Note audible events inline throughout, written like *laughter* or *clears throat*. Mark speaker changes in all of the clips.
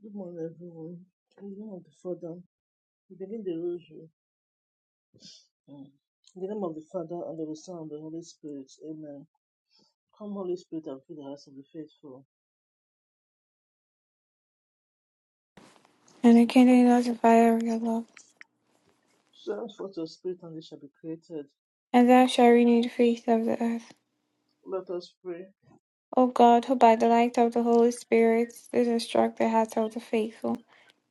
Speaker 1: Good morning, everyone. In the name of the Father, we begin the rosary. Mm. In the name of the Father, and of the Son, and of the Holy Spirit. Amen. Come, Holy Spirit, and fill the hearts of the faithful.
Speaker 2: And the kindling light the fire of your love,
Speaker 1: Send forth your Spirit, and they shall be created.
Speaker 2: and thou shalt renew the face of the earth.
Speaker 1: Let us pray.
Speaker 2: O God, who by the light of the Holy Spirit did instruct the hearts of the faithful,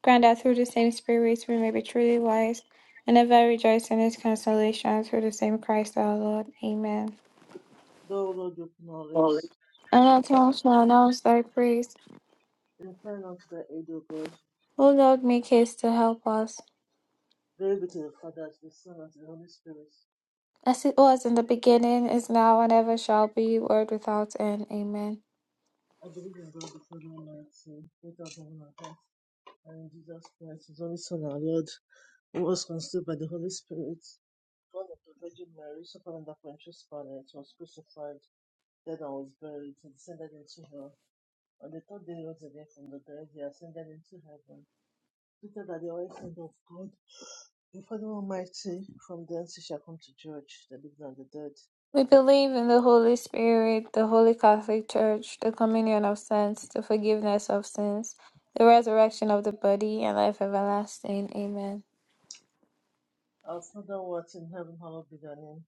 Speaker 2: grant that through the same Spirit we may be truly wise, and ever rejoice in His consolation through the same Christ our Lord. Amen.
Speaker 1: Thou, Lord, open our lips.
Speaker 2: And our tongues shall announce thy praise.
Speaker 1: Incline unto thy aid, O God.
Speaker 2: O Lord, make haste to help us.
Speaker 1: Glory be to the Father, to the Son, and to the Holy Spirit.
Speaker 2: As it was in the beginning, is now, and ever shall be, world without end. Amen.
Speaker 1: I believe in God, the Father Almighty, creator of heaven and earth, and in Jesus Christ, his only Son, our Lord, who was conceived by the Holy Spirit born of the Virgin Mary, suffered under Pontius Pilate, was crucified, dead and was buried, he descended into hell. On the third day he rose again from the dead, he ascended into heaven, seated at the right hand of God, the Father Almighty, from thence he shall come to judge the living and the dead.
Speaker 2: We believe in the Holy Spirit, the Holy Catholic Church, the communion of saints, the forgiveness of sins, the resurrection of the body, and life everlasting. Amen.
Speaker 1: Our Father who art in heaven, hallowed be thy name.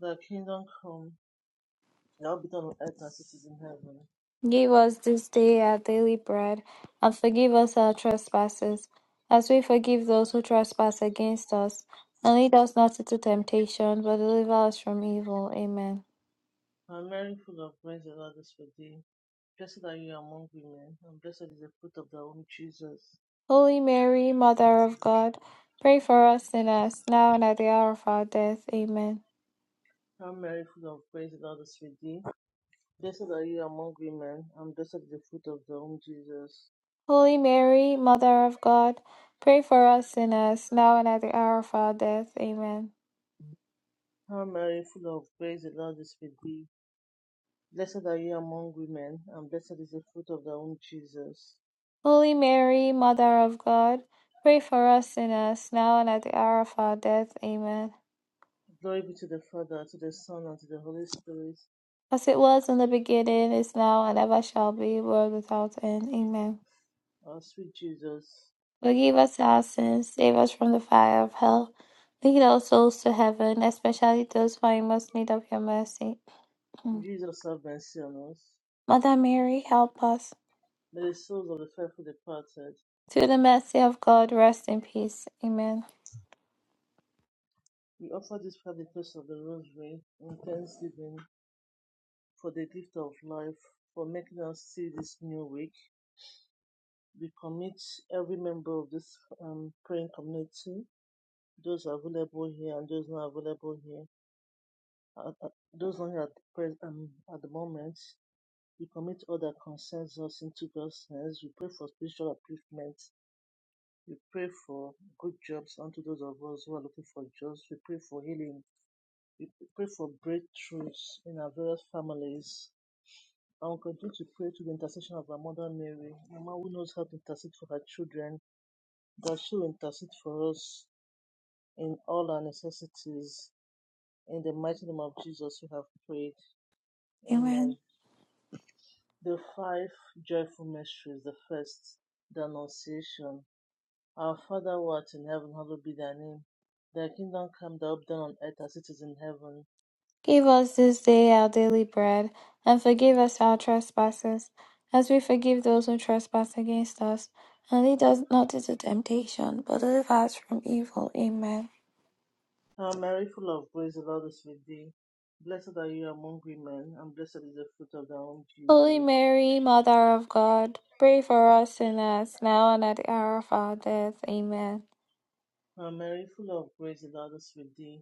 Speaker 1: Thy kingdom come, thy will be done on earth as it is in heaven.
Speaker 2: Give us this day our daily bread, and forgive us our trespasses, as we forgive those who trespass against us. And lead us not into temptation, but deliver us from evil. Amen.
Speaker 1: Hail Mary, full of grace, the Lord is with thee. Blessed are you among women, and blessed is the fruit of thy womb, Jesus.
Speaker 2: Holy Mary, Mother of God, pray for us sinners, now and at the hour of our death. Amen.
Speaker 1: How Mary, full of grace, the Lord is with thee. Blessed are you among women, and blessed is the fruit of thy womb, Jesus.
Speaker 2: Holy Mary, Mother of God, pray for us sinners, now and at the hour of our death. Amen.
Speaker 1: How Mary, full of grace, the Lord is with thee. Blessed are you among women, and blessed is the fruit of thy womb, Jesus.
Speaker 2: Holy Mary, Mother of God, pray for us sinners, now and at the hour of our death. Amen.
Speaker 1: Glory be to the Father, to the Son, and to the Holy Spirit.
Speaker 2: As it was in the beginning, is now, and ever shall be, world without end. Amen.
Speaker 1: Our sweet Jesus,
Speaker 2: Forgive us our sins, save us from the fire of hell. Lead our souls to heaven, especially those who are in most need of your mercy. *clears throat*
Speaker 1: Jesus have mercy on us.
Speaker 2: Mother Mary, help us.
Speaker 1: May the souls of the faithful departed,
Speaker 2: Through the mercy of God, rest in peace. Amen.
Speaker 1: we offer this private place of the Rosary in thanksgiving for the gift of life, for making us see this new week. We commit every member of this um, praying community, those available here and those not available here, uh, uh, those not here at the, pres- um, at the moment. We commit all that concerns us into God's hands. We pray for spiritual upliftment. We pray for good jobs unto those of us who are looking for jobs. We pray for healing. We pray for breakthroughs in our various families. I will continue to pray to the intercession of our Mother Mary, Mama who knows how to intercede for her children, that she will intercede for us in all our necessities. In the mighty name of Jesus, we have prayed. Amen.
Speaker 2: Amen.
Speaker 1: The five joyful mysteries. The first, the Annunciation. Our Father who art in heaven, hallowed be thy name. Thy kingdom come, thy will be done on earth as it is in heaven.
Speaker 2: Give us this day our daily bread, and forgive us our trespasses, as we forgive those who trespass against us. And lead us not into temptation, but deliver us from evil. Amen.
Speaker 1: Hail Mary, full of grace, the Lord is with thee. Blessed are you among women, and blessed is the fruit of thy womb,
Speaker 2: Holy
Speaker 1: Jesus.
Speaker 2: Mary, Mother of God, pray for us sinners, now and at the hour of our death. Amen.
Speaker 1: Hail Mary, full of grace, the Lord is with thee.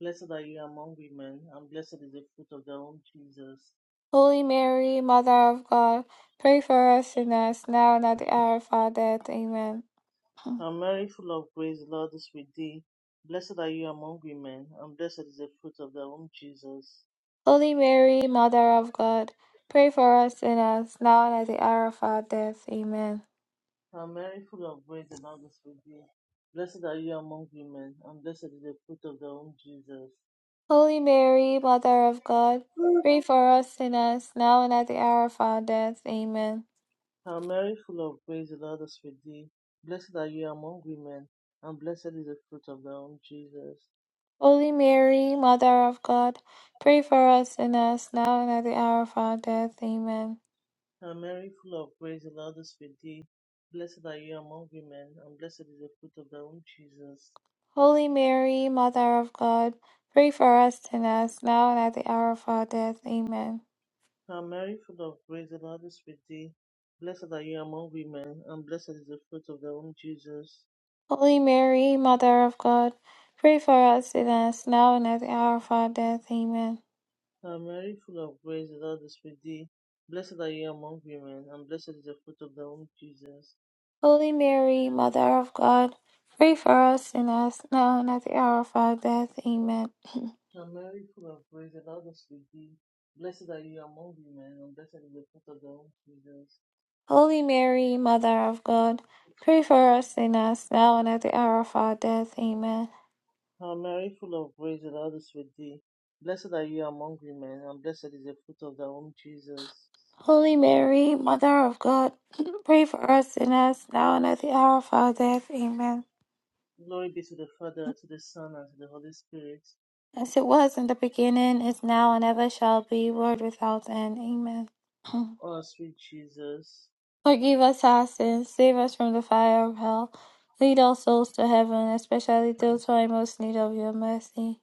Speaker 1: Blessed are you among women, and blessed is the fruit of thy womb, Jesus.
Speaker 2: Holy Mary, Mother of God, pray for us sinners, now and at the hour of our death. Amen. Hmm.
Speaker 1: And Mary, full of grace, the Lord is with thee. Blessed are you among women, and blessed is the fruit of thy womb, Jesus.
Speaker 2: Holy Mary, Mother of God, pray for us sinners, now and at the hour of our death. Amen.
Speaker 1: And Mary, full of grace, the Lord is with thee. Blessed are you among women, and blessed is the fruit of thy womb, Jesus.
Speaker 2: Holy Mary, Mother of God, pray for us sinners, now and at the hour of our death. Amen.
Speaker 1: And Mary, full of grace, the Lord is with thee. Blessed are you among women, and blessed is the fruit of thy womb, Jesus.
Speaker 2: Holy Mary, Mother of God, pray for us sinners, now and at the hour of our death. Amen.
Speaker 1: And Mary, full of grace, the Lord is with thee. Blessed are you among women, and blessed is the fruit of thy womb, Jesus.
Speaker 2: Holy Mary, Mother of God, pray for us sinners, now and at the hour of our death. Amen.
Speaker 1: Hail Mary, full of grace, the Lord is with thee. Blessed are you among women, and blessed is the fruit of thy womb, Jesus.
Speaker 2: Holy Mary, Mother of God, pray for us sinners now and at the hour of our death. Amen.
Speaker 1: Hail Mary, full of grace, the Lord is with thee. Blessed are you among women, and blessed is the fruit of thy womb, Jesus.
Speaker 2: Holy Mary, Mother of God, pray for us sinners now and at the hour of our death. Amen.
Speaker 1: Hail Mary, full of grace, the Lord is with thee. Blessed are you among women, and blessed is the fruit of thy womb, Jesus.
Speaker 2: Holy Mary, Mother of God, pray for us sinners now and at the hour of our death. Amen.
Speaker 1: Hail Mary, full of grace, the Lord is with thee. Blessed are you among women, and blessed is the fruit of thy womb, Jesus.
Speaker 2: Holy Mary, Mother of God, *clears throat* pray for us sinners now and at the hour of our death. Amen.
Speaker 1: Glory be to the Father, to the Son, and to the Holy Spirit
Speaker 2: As it was in the beginning, is now, and ever shall be, world without end. Amen. *clears throat*
Speaker 1: Oh, sweet Jesus,
Speaker 2: Forgive us our sins, save us from the fire of hell, lead all souls to heaven, especially those who are in most need of your mercy.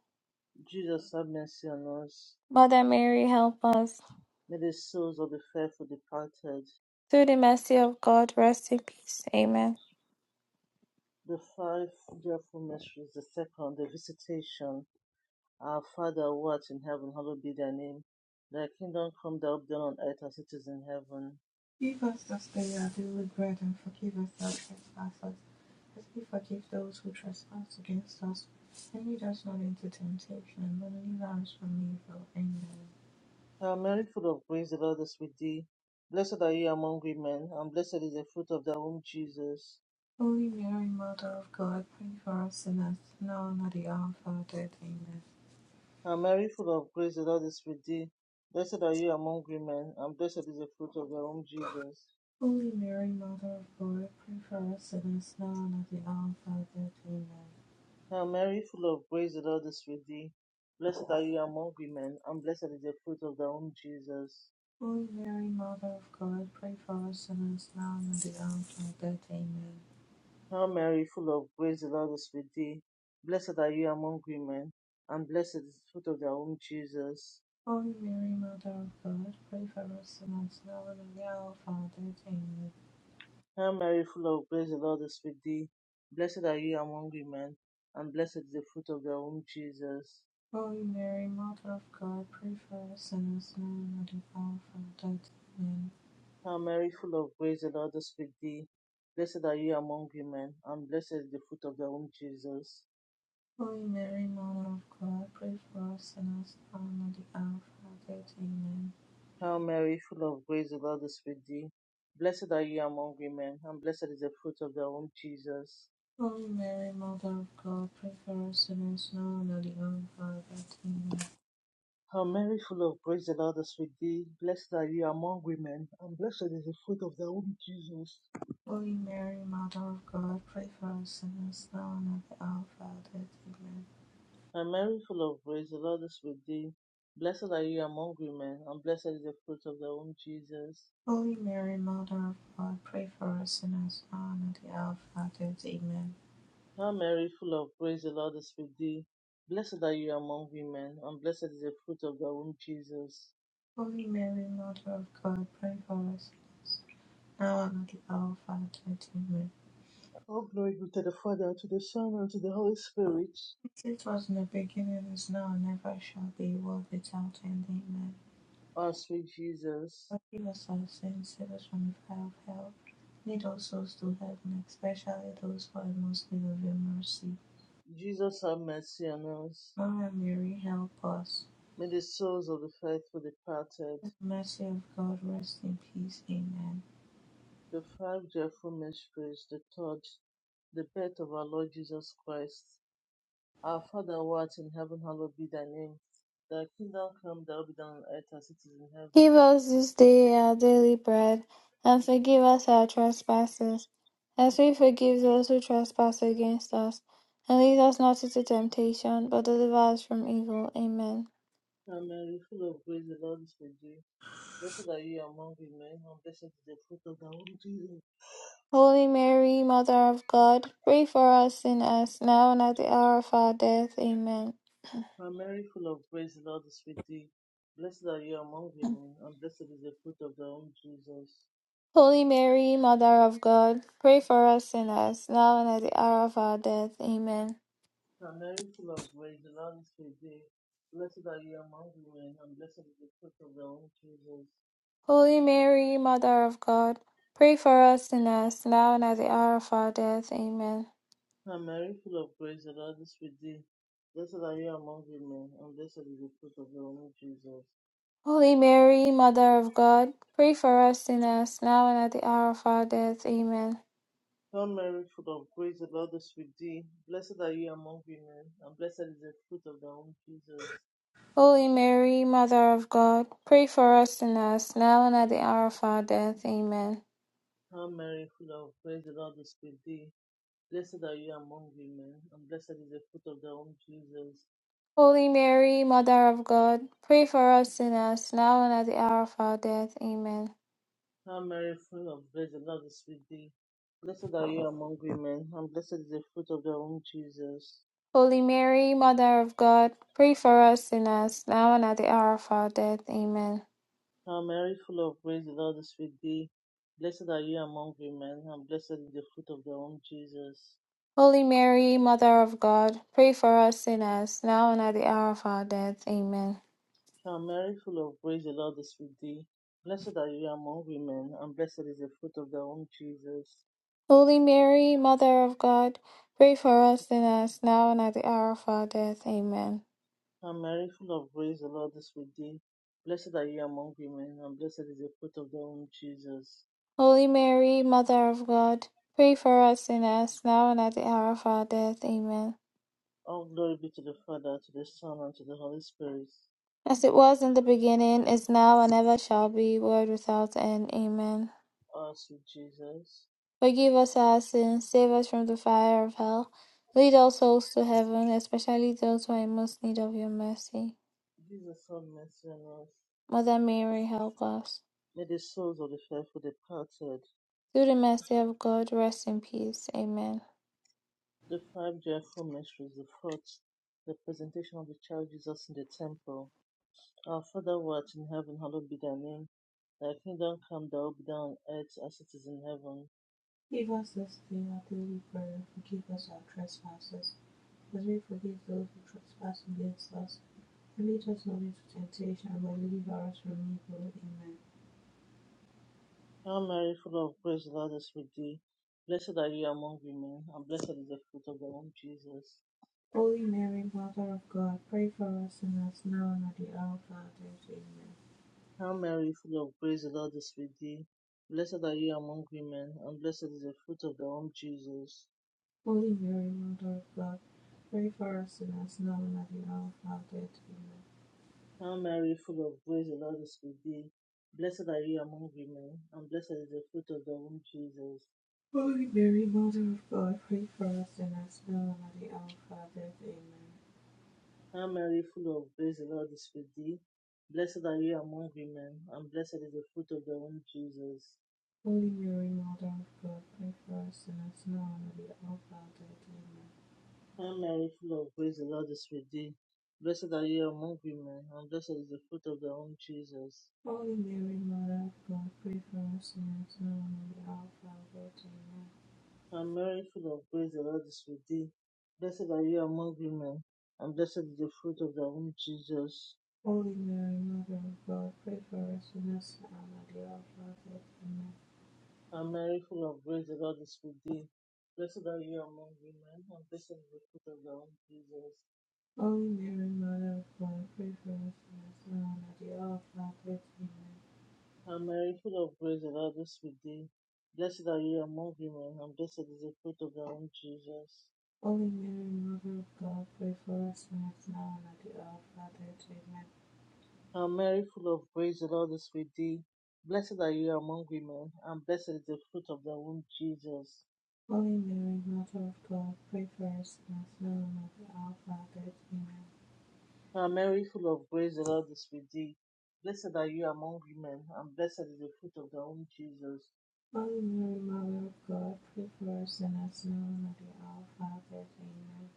Speaker 1: Jesus, have mercy on us.
Speaker 2: Mother Mary, help us.
Speaker 1: May the souls of the faithful departed,
Speaker 2: Through the mercy of God, rest in peace. Amen.
Speaker 1: the five joyful mysteries, the second, the visitation. Our Father, who art in heaven, hallowed be thy name. Thy kingdom come, thy will be done on earth as it is in heaven.
Speaker 3: Give us this day our daily bread and forgive us our trespasses, as we forgive those who trespass against us. And lead us not into temptation, but deliver us from evil. Amen.
Speaker 1: Hail Mary, full of grace, the Lord is with thee. Blessed are you among women, and blessed is the fruit of thy womb, Jesus.
Speaker 3: Holy Mary, Mother of God, pray for us sinners, now and at the hour of our death. Amen.
Speaker 1: Hail Mary, full of grace, the Lord is with thee. Blessed are you among women, and blessed is the fruit of thy womb, Jesus.
Speaker 3: Holy Mary, Mother of God, pray for us sinners, now and at the hour of our death. Amen.
Speaker 1: Hail Mary, full of grace, the Lord is with thee. Blessed are you among women, and blessed is the fruit of thy womb, Jesus.
Speaker 3: Holy Mary, Mother of God, pray for us sinners, now and at the hour of our death. Amen.
Speaker 1: Hail Mary, full of grace, the Lord is with thee. Blessed are you among women, and blessed is the fruit of thy womb, Jesus.
Speaker 3: Holy Mary, Mother of God, pray for us sinners now and at the hour of our death. Amen.
Speaker 1: Hail Mary, full of grace, the Lord is with thee. Blessed are you among women, and blessed is the fruit of thy womb, Jesus.
Speaker 3: Holy Mary, Mother of God, pray for us sinners now and at the hour of our death. Amen.
Speaker 1: Hail Mary, full of grace, the Lord is with thee. Blessed are you among women, and blessed is the fruit of thy womb, Jesus.
Speaker 3: Holy Mary, Mother of God, pray for us sinners now and at the hour of our death. Amen.
Speaker 1: Hail Mary, full of grace, the Lord is with thee. Blessed are you among women, and blessed is the fruit of thy womb, Jesus.
Speaker 3: Holy Mary, Mother of God, pray for us sinners now and at the hour of our death. Amen.
Speaker 1: Hail Mary, full of grace, the Lord is with thee. Blessed are you among women, and blessed is the fruit of thy womb, Jesus.
Speaker 3: Holy Mary, Mother of God, pray for us sinners now and at the hour of our death. Amen.
Speaker 1: Hail Mary, full of grace, the Lord is with thee. Blessed are you among women, and blessed is the fruit of thy womb, Jesus.
Speaker 3: Holy Mary, Mother of God, pray for us sinners now and at the hour of our death. Amen.
Speaker 1: Hail Mary, full of grace, the Lord is with thee. Blessed are you among women, and blessed is the fruit of thy womb, Jesus.
Speaker 3: Holy Mary, Mother of God, pray for us sinners now and at the hour of our death. Amen.
Speaker 1: All glory be to the Father, and to the Son, and to the Holy Spirit.
Speaker 3: As it was in the beginning, is now, and ever shall be, world without end. Amen.
Speaker 1: Our sweet Jesus,
Speaker 3: Forgive us our sins, save us from the fire of hell. Lead all souls to heaven, especially those who are in most need of your mercy.
Speaker 1: Jesus have mercy on us.
Speaker 3: Mother Mary, help us.
Speaker 1: May the souls of the faithful departed,
Speaker 3: In the mercy of God, rest in peace. Amen.
Speaker 1: the five joyful mysteries, the third, the birth of our Lord Jesus Christ. Our Father who art in heaven, hallowed be thy name. Thy kingdom come, thy will be done on earth as it is in
Speaker 2: Give
Speaker 1: heaven.
Speaker 2: us this day our daily bread, and forgive us our trespasses, as we forgive those who trespass against us. And lead us not into temptation, but deliver us from evil. Amen.
Speaker 1: Hail Mary, full of grace, the Lord is with thee. Blessed are you among women, and blessed is the fruit of thy womb, Jesus.
Speaker 2: Holy Mary, Mother of God, pray for us sinners, now and at the hour of our death. Amen.
Speaker 1: Hail Mary, full of grace, the Lord is with thee. Blessed are you among women, and blessed is the fruit of thy womb, Jesus.
Speaker 2: Holy Mary, Mother of God, pray for us sinners, now and at the hour of our death. Amen.
Speaker 1: Hail Mary, full of grace, the Lord is with thee. Blessed are you among women, and blessed is the fruit of thy womb, Jesus.
Speaker 2: Holy Mary, Mother of God, pray for us sinners, now and at the hour of our death. Amen.
Speaker 1: Hail Mary, full of grace, the Lord is with thee. Blessed are you among women, and blessed is the fruit of thy womb, Jesus.
Speaker 2: Holy Mary, Mother of God, pray for us sinners, now and at the hour of our death. Amen.
Speaker 1: Hail Mary, full of grace, the Lord is with thee. Blessed are you among women, and blessed is the fruit of thy womb, Jesus.
Speaker 2: Holy Mary, Mother of God, pray for us sinners, now and at the hour of our death. Amen.
Speaker 1: Hail Mary, full of grace, the Lord is with thee. Blessed are you among women, and blessed is the fruit of thy womb, Jesus.
Speaker 2: Holy Mary, Mother of God, pray for us sinners, now and at the hour of our death. Amen.
Speaker 1: Hail Mary, full of grace, the Lord is with thee. Blessed are you among women, and blessed is the fruit of thy womb, Jesus.
Speaker 2: Holy Mary, Mother of God, pray for us sinners, now and at the hour of our death. Amen.
Speaker 1: Hail Mary, full of grace, the Lord is with thee. Blessed are you among women, and blessed is the fruit of thy womb, Jesus.
Speaker 2: Holy Mary, Mother of God, pray for us sinners, now and at the hour of our death. Amen.
Speaker 1: Hail Mary, full of grace, the Lord is with thee. Blessed are you among women, and blessed is the fruit of thy womb, Jesus.
Speaker 2: Holy Mary, Mother of God, pray for us sinners, now and at the hour of our death. Amen.
Speaker 1: And Mary, full of grace, the Lord is with thee. Blessed are you among women, and blessed is the fruit of thy womb, Jesus.
Speaker 2: Holy Mary, Mother of God, pray for us sinners, now and at the hour of our death. Amen.
Speaker 1: All glory be to the Father, to the Son, and to the Holy Spirit.
Speaker 2: As it was in the beginning, is now, and ever shall be, world without end. Amen.
Speaker 1: Our sweet Jesus,
Speaker 2: Forgive us our sins, save us from the fire of hell. Lead all souls to heaven, especially those who are in most need of your mercy.
Speaker 1: Jesus, have mercy on us.
Speaker 2: Mother Mary, help us.
Speaker 1: May the souls of the faithful departed,
Speaker 2: Through the mercy of God, rest in peace. Amen.
Speaker 1: the five joyful mysteries, the fourth, the presentation of the child Jesus in the temple. Our Father, who art in heaven, hallowed be thy name. Thy kingdom come, thy will be done on earth as it is in heaven.
Speaker 3: Give us this day our daily bread, and forgive us our trespasses, as we forgive those who trespass against us. And lead us not into temptation, but deliver us from evil. Amen.
Speaker 1: Hail Mary, full of grace, the Lord is with thee. Blessed are you among women, and blessed is the fruit of thy womb, Jesus.
Speaker 3: Holy Mary, Mother of God, pray for us sinners now and at the hour of our death. Amen.
Speaker 1: Hail Mary, full of grace, the Lord is with thee. Blessed are you among women, and blessed is the fruit of thy womb, Jesus.
Speaker 3: Holy Mary, Mother of God, pray for us sinners now and at the hour of our death. Amen.
Speaker 1: Hail Mary, full of grace, the Lord is with thee. Blessed are you among women, and blessed is the fruit of thy womb, Jesus.
Speaker 3: Holy Mary, Mother of God, pray for us sinners now and at the hour of our death. Amen.
Speaker 1: Hail Mary, full of grace, the Lord is with thee. Blessed are you among women, and blessed is the fruit of thy womb, Jesus.
Speaker 3: Holy Mary, Mother of God, pray for us sinners now and at the hour of our death. Amen.
Speaker 1: Hail Mary, full of grace, the Lord is with thee. Blessed are you among women, and blessed is the fruit of thy womb, Jesus.
Speaker 3: Holy Mary, Mother of God, pray for us sinners now and at the hour of our death. Amen.
Speaker 1: Hail Mary, full of grace, the Lord is with thee. Blessed are you among women, and blessed is the fruit of thy womb, Jesus.
Speaker 3: Holy Mary, Mother of God, pray for us sinners now and at the hour of our death. Amen.
Speaker 1: Hail Mary, full of grace, the Lord is with thee. Blessed are you among women, and blessed is the fruit of thy womb, Jesus.
Speaker 3: Holy Mary, Mother of God, pray for us sinners now and at the hour of our death. Amen.
Speaker 1: Hail Mary, full of grace, the Lord is with thee. Blessed are you among women, and blessed is the fruit of thy womb, Jesus.
Speaker 3: Holy Mary, Mother of God, pray for us sinners now and at the hour of our death. Amen.
Speaker 1: Hail Mary, full of grace, the Lord is with thee. Blessed are you among women, and blessed is the fruit of thy womb, Jesus.
Speaker 3: Holy Mary, Mother of God, pray for us sinners now and at the hour of our death. Amen.
Speaker 1: Hail Mary, full of grace, the Lord is with thee. Blessed are you among women, and blessed is the fruit of thy womb, Jesus.
Speaker 3: Holy Mary, Mother of God, pray for us sinners now and at the hour of our death. Amen.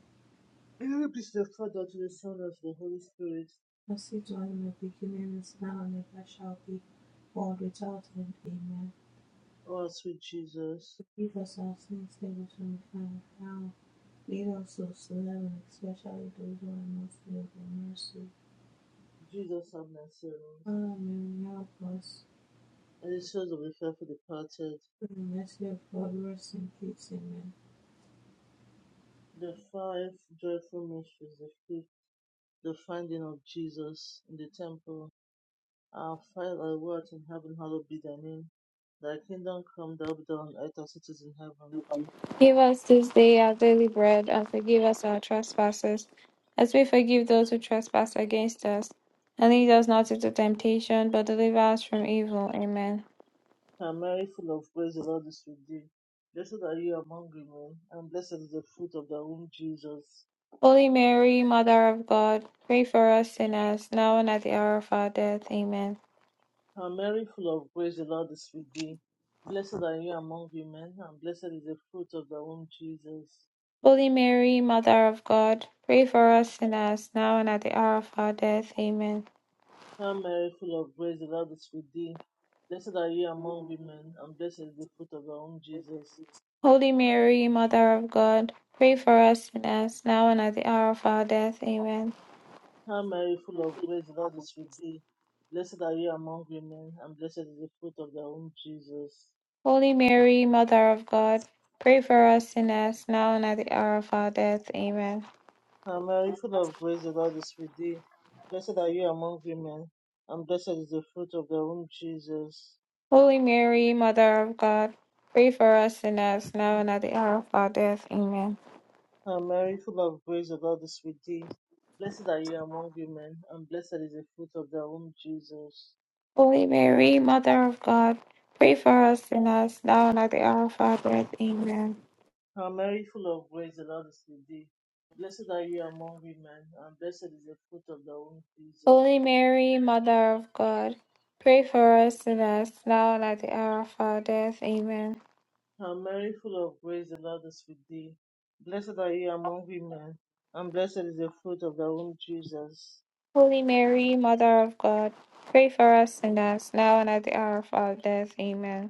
Speaker 1: Glory be to the Father, to the Son, and to the Holy Spirit.
Speaker 3: As it was in the beginning, is now, and ever shall be, world without end. Amen.
Speaker 1: Oh, sweet Jesus,
Speaker 3: Forgive us our sins, save us from the fire of hell. Lead all souls to heaven, especially those who are most in need of mercy.
Speaker 1: Jesus, have mercy on us.
Speaker 3: Father, Mary, help us.
Speaker 1: And the souls of the faithful departed,
Speaker 3: Through the mercy of God, rest in peace. Amen.
Speaker 1: the five joyful mysteries, the, fifth, the finding of Jesus in the temple. Our Father who art in heaven, hallowed be thy name. Thy kingdom come, thy will be done on earth as it is in heaven.
Speaker 2: Give us this day our daily bread, and forgive us our trespasses, as we forgive those who trespass against us. And lead us not into temptation, but deliver us from evil. Amen.
Speaker 1: Hail Mary, full of grace, the Lord is with thee. Blessed are you among women, and blessed is the fruit of thy womb, Jesus.
Speaker 2: Holy Mary, Mother of God, pray for us sinners, now and at the hour of our death. Amen.
Speaker 1: Hail Mary, full of grace, the Lord is with thee. Blessed are you among women, and blessed is the fruit of thy womb, Jesus.
Speaker 2: Holy Mary, Mother of God, pray for us sinners, now and at the hour of our death. Amen.
Speaker 1: Hail Mary, full of grace, the Lord is with thee. Blessed are you among women, and blessed is the fruit of thy womb, Jesus.
Speaker 2: Holy Mary, Mother of God, pray for us sinners, now and at the hour of our death. Amen.
Speaker 1: Hail Mary, full of grace, the Lord is with thee. Blessed are you among women, and blessed is the fruit of thy womb, Jesus.
Speaker 2: Holy Mary, Mother of God, pray for us sinners, now and at the hour of our death. Amen.
Speaker 1: Hail Mary, full of grace, the Lord is with thee. Blessed are you among women, and blessed is the fruit of thy womb, Jesus.
Speaker 2: Holy Mary, Mother of God, pray for us sinners, now and at the hour of our death. Amen.
Speaker 1: Hail Mary, full of grace, the Lord is with thee. Blessed are you among women, and blessed is the fruit of thy womb, Jesus.
Speaker 2: Holy Mary, Mother of God, pray for us sinners, now and at the hour of our death. Amen.
Speaker 1: Hail Mary, full of grace, the Lord is with thee. Blessed are you among women, and blessed is the fruit of thy womb, Jesus.
Speaker 2: Holy Mary, Mother of God, pray for us sinners, now and at the hour of our death. Amen.
Speaker 1: Hail Mary, full of grace, the Lord is with thee. Blessed are you among women, and blessed is the fruit of thy womb, Jesus.
Speaker 2: Holy Mary, Mother of God, pray for us sinners, now and at the hour of our death. Amen.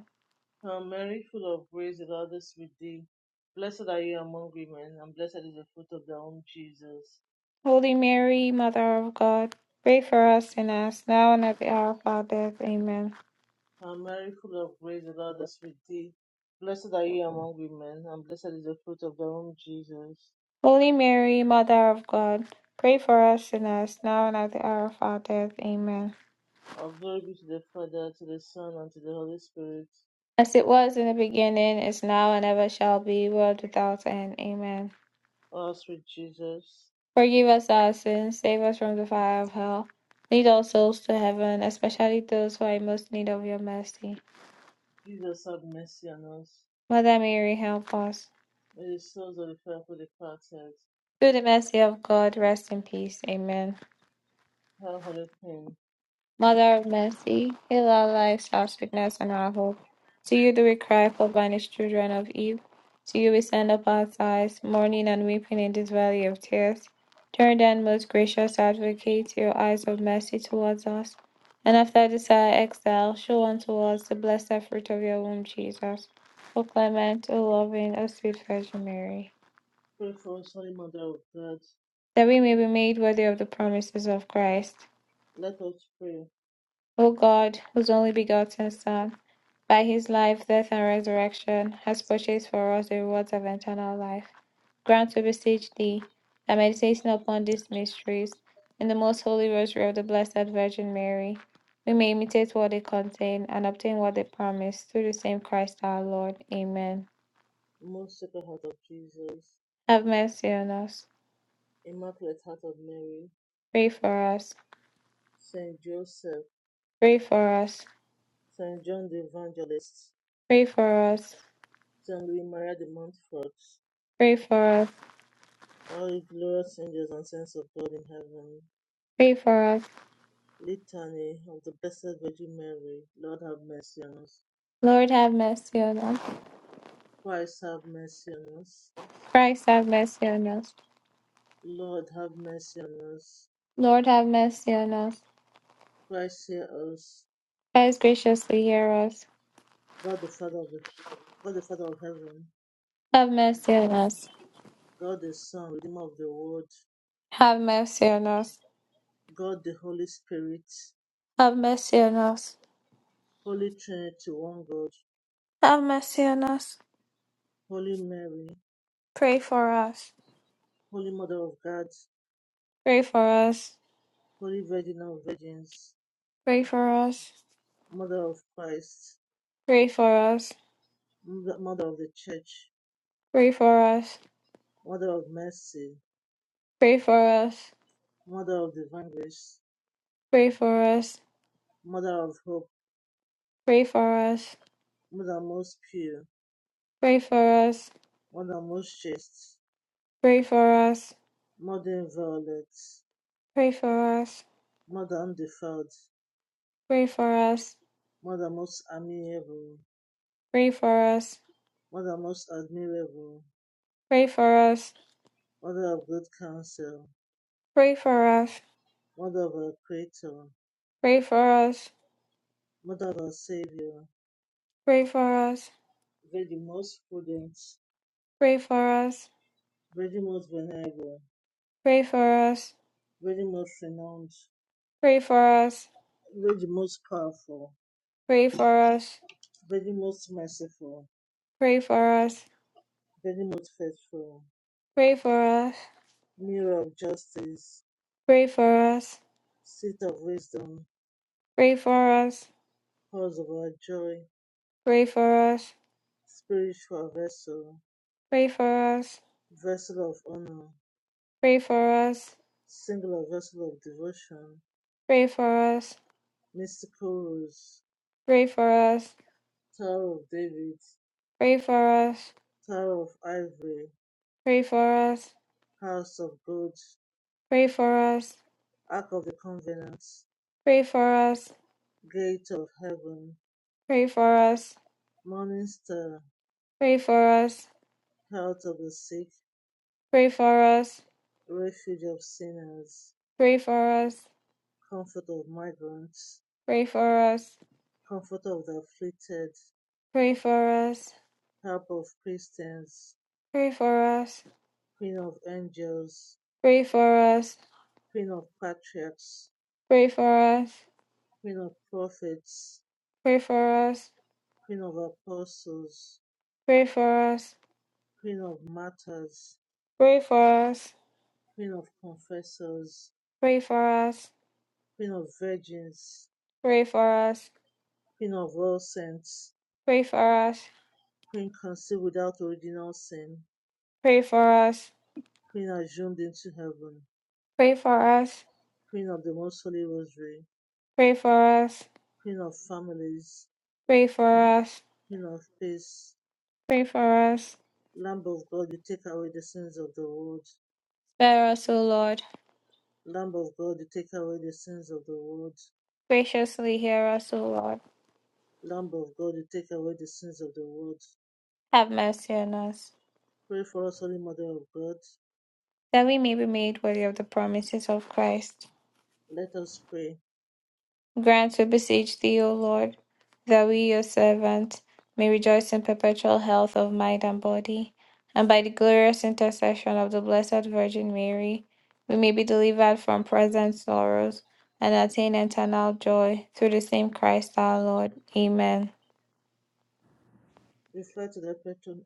Speaker 1: Hail Mary, full of grace, the Lord is with thee. Blessed are you among women, and blessed is the fruit of thy womb, Jesus.
Speaker 2: Holy Mary, Mother of God, pray for us sinners, now and at the hour of our death. Amen.
Speaker 1: Hail Mary, full of grace, the Lord is with thee. Blessed are you among women, and blessed is the fruit of thy womb, Jesus.
Speaker 2: Holy Mary, Mother of God, pray for us sinners, now and at the hour of our death. Amen.
Speaker 1: All glory be to the Father, to the Son, and to the Holy Spirit.
Speaker 2: As it was in the beginning, is now, and ever shall be, world without end. Amen.
Speaker 1: O sweet Jesus,
Speaker 2: Forgive us our sins, save us from the fire of hell. Lead all souls to heaven, especially those who are in most need of your mercy.
Speaker 1: Jesus have mercy on us.
Speaker 2: Mother Mary, help us.
Speaker 1: May the souls of the faithful departed,
Speaker 2: Through the mercy of God, rest in peace. Amen.
Speaker 1: her holy pain,
Speaker 2: Mother of mercy, heal our lives, our sickness, and our hope. To you do we cry, for banished children of Eve. To you we send up our sighs, mourning and weeping in this valley of tears. Turn then, most gracious advocate, your eyes of mercy towards us. And after this our exile, show unto us the blessed fruit of your womb, Jesus. O clement, O loving, O sweet Virgin Mary,
Speaker 1: pray for us, Holy Mother of God.
Speaker 2: that we may be made worthy of the promises of Christ.
Speaker 1: Let us pray,
Speaker 2: O God, whose only begotten Son, By his life, death, and resurrection, has purchased for us the rewards of eternal life. Grant, we beseech thee, that meditating upon these mysteries in the most holy rosary of the Blessed Virgin Mary, we may imitate what they contain and obtain what they promise through the same Christ our Lord. Amen.
Speaker 1: Most Sacred Heart of Jesus,
Speaker 2: Have mercy on us.
Speaker 1: Immaculate Heart of Mary,
Speaker 2: Pray for us.
Speaker 1: Saint Joseph,
Speaker 2: Pray for us.
Speaker 1: Saint John the Evangelist,
Speaker 2: Pray for us.
Speaker 1: Saint Louis Maria de Montfort,
Speaker 2: Pray for us.
Speaker 1: all the glorious angels and saints of God in heaven.
Speaker 2: Pray for us.
Speaker 1: Litany of the Blessed Virgin Mary, Lord have mercy on us.
Speaker 2: Lord, have mercy on us.
Speaker 1: Christ have mercy on us.
Speaker 2: Christ, have mercy on us.
Speaker 1: Lord have mercy on us.
Speaker 2: Lord, have mercy on us.
Speaker 1: Christ hear us.
Speaker 2: Christ graciously hear us.
Speaker 1: God the Father of the God the Father of heaven,
Speaker 2: Have mercy on us.
Speaker 1: God the Son, Redeemer of the world,
Speaker 2: Have mercy on us.
Speaker 1: God the Holy Spirit,
Speaker 2: Have mercy on us.
Speaker 1: Holy Trinity, one God,
Speaker 2: Have mercy on us.
Speaker 1: Holy Mary,
Speaker 2: Pray for us.
Speaker 1: Holy Mother of God,
Speaker 2: Pray for us.
Speaker 1: Holy Virgin of Virgins,
Speaker 2: Pray for us.
Speaker 1: Mother of Christ,
Speaker 2: Pray for us.
Speaker 1: Mother of the Church,
Speaker 2: Pray for us.
Speaker 1: Mother of Mercy,
Speaker 2: Pray for us.
Speaker 1: Mother of Divine Grace,
Speaker 2: Pray for us.
Speaker 1: Mother of Hope,
Speaker 2: Pray for us.
Speaker 1: Mother most pure,
Speaker 2: Pray for us.
Speaker 1: Mother most chaste,
Speaker 2: Pray for us.
Speaker 1: Mother inviolate,
Speaker 2: Pray for us.
Speaker 1: Mother undefiled,
Speaker 2: Pray for us.
Speaker 1: Mother most amiable,
Speaker 2: Pray for us.
Speaker 1: Mother most admirable,
Speaker 2: Pray for us.
Speaker 1: Mother of good counsel,
Speaker 2: Pray for us.
Speaker 1: Mother of our Creator,
Speaker 2: Pray for us.
Speaker 1: Mother of our Savior,
Speaker 2: Pray for us.
Speaker 1: very the most prudent,
Speaker 2: Pray for us.
Speaker 1: very the most venerable,
Speaker 2: Pray for us,
Speaker 1: very the most renowned,
Speaker 2: pray for us,
Speaker 1: very the most powerful,
Speaker 2: pray for us,
Speaker 1: very the most merciful,
Speaker 2: pray for us,
Speaker 1: very the most faithful,
Speaker 2: pray for us,
Speaker 1: Mirror of justice,
Speaker 2: pray for us,
Speaker 1: Seat of wisdom,
Speaker 2: pray for us,
Speaker 1: Cause of our joy,
Speaker 2: pray for us,
Speaker 1: Spiritual vessel,
Speaker 2: pray for us,
Speaker 1: Vessel of honor,
Speaker 2: pray for us,
Speaker 1: Singular vessel of devotion,
Speaker 2: pray for us,
Speaker 1: Mystical rose,
Speaker 2: pray for us,
Speaker 1: Tower of David,
Speaker 2: pray for us, pray for us,
Speaker 1: Tower of Ivory,
Speaker 2: pray for us,
Speaker 1: house of God,
Speaker 2: pray for us, pray for us,
Speaker 1: Ark of the Covenant,
Speaker 2: pray for us,
Speaker 1: Gate of Heaven,
Speaker 2: pray for us,
Speaker 1: Morning Star,
Speaker 2: pray for us,
Speaker 1: Health of the Sick,
Speaker 2: pray for us,
Speaker 1: Refuge of Sinners,
Speaker 2: pray for us,
Speaker 1: Comfort of Migrants,
Speaker 2: pray for us,
Speaker 1: Comfort of the Afflicted,
Speaker 2: pray
Speaker 1: Help of Christians, Queen of Angels,
Speaker 2: for us,
Speaker 1: Queen of Patriarchs,
Speaker 2: pray for us.
Speaker 1: Queen of Prophets,
Speaker 2: Pray for us,
Speaker 1: Queen of Apostles,
Speaker 2: pray for us,
Speaker 1: Queen of Martyrs,
Speaker 2: pray for us,
Speaker 1: Queen of Confessors,
Speaker 2: pray for us,
Speaker 1: Queen of Virgins,
Speaker 2: pray for us,
Speaker 1: Queen of All Saints,
Speaker 2: pray for us,
Speaker 1: Queen conceived without original sin,
Speaker 2: pray for us,
Speaker 1: Queen assumed into heaven,
Speaker 2: pray for us,
Speaker 1: Queen of the Most Holy Rosary,
Speaker 2: pray for us,
Speaker 1: Queen of families,
Speaker 2: pray for us,
Speaker 1: Queen of peace,
Speaker 2: pray for us.
Speaker 1: Lamb of God, you take away the sins of the world,
Speaker 2: Spare us, O Lord.
Speaker 1: Lamb of God, you take away the sins of the world,
Speaker 2: Graciously hear us, O Lord.
Speaker 1: Lamb of God, you take away the sins of the world.
Speaker 2: Have mercy on us,
Speaker 1: Pray for us, Holy Mother of God.
Speaker 2: that we may be made worthy of the promises of Christ.
Speaker 1: Let us pray.
Speaker 2: Grant, we beseech thee, O Lord, that we, your servants, may rejoice in perpetual health of mind and body, and by the glorious intercession of the Blessed Virgin Mary, we may be delivered from present sorrows and attain eternal joy through the same Christ our Lord. Amen.
Speaker 1: Reflect to the Petrum,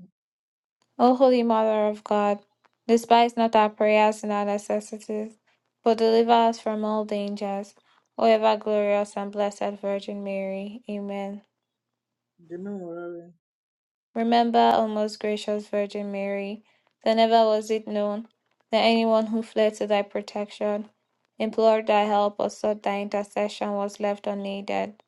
Speaker 2: O Holy Mother of God, despise not our prayers and our necessities, but deliver us from all dangers. O ever glorious and blessed Virgin Mary. Amen.
Speaker 1: the Memorare.
Speaker 2: Remember, O most gracious Virgin Mary, that never was it known that anyone who fled to thy protection, implored thy help, or sought thy intercession was left unaided.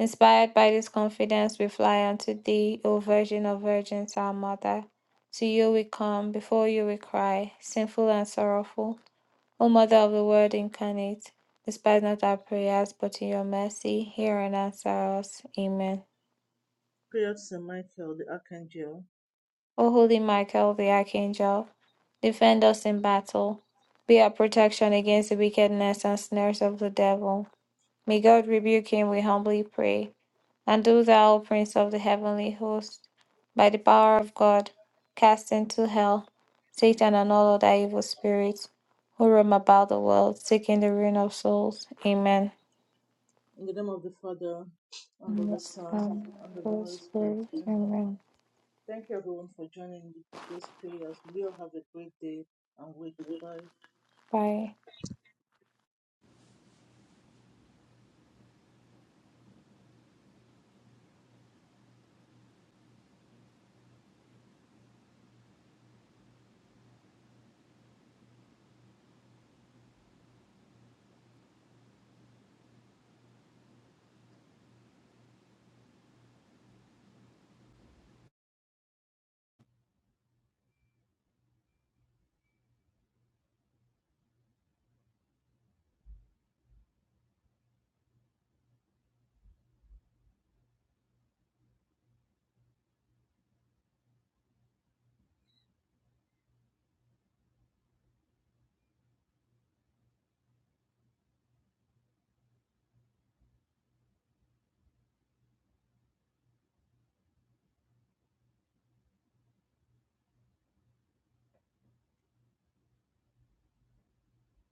Speaker 2: Inspired by this confidence, we fly unto thee, O Virgin of Virgins, our Mother. To you we come, before you we cry, sinful and sorrowful. O Mother of the Word incarnate, despise not our prayers, but in your mercy, hear and answer us. Amen.
Speaker 1: Pray out Saint Michael, the Archangel.
Speaker 2: O holy Michael, the archangel, defend us in battle. Be our protection against the wickedness and snares of the devil. May God rebuke him, we humbly pray. And do thou, O Prince of the heavenly host, by the power of God, cast into hell Satan and all other evil spirits who roam about the world, seeking the ruin of souls. Amen.
Speaker 1: In the name of the Father, and of the Son,
Speaker 2: Amen.
Speaker 1: and of the
Speaker 2: Holy
Speaker 1: Holy Spirit.
Speaker 2: Spirit,
Speaker 1: Amen.
Speaker 2: Amen.
Speaker 1: Thank you everyone for joining today's prayers. We all have a great day and week. Bye.
Speaker 2: Bye.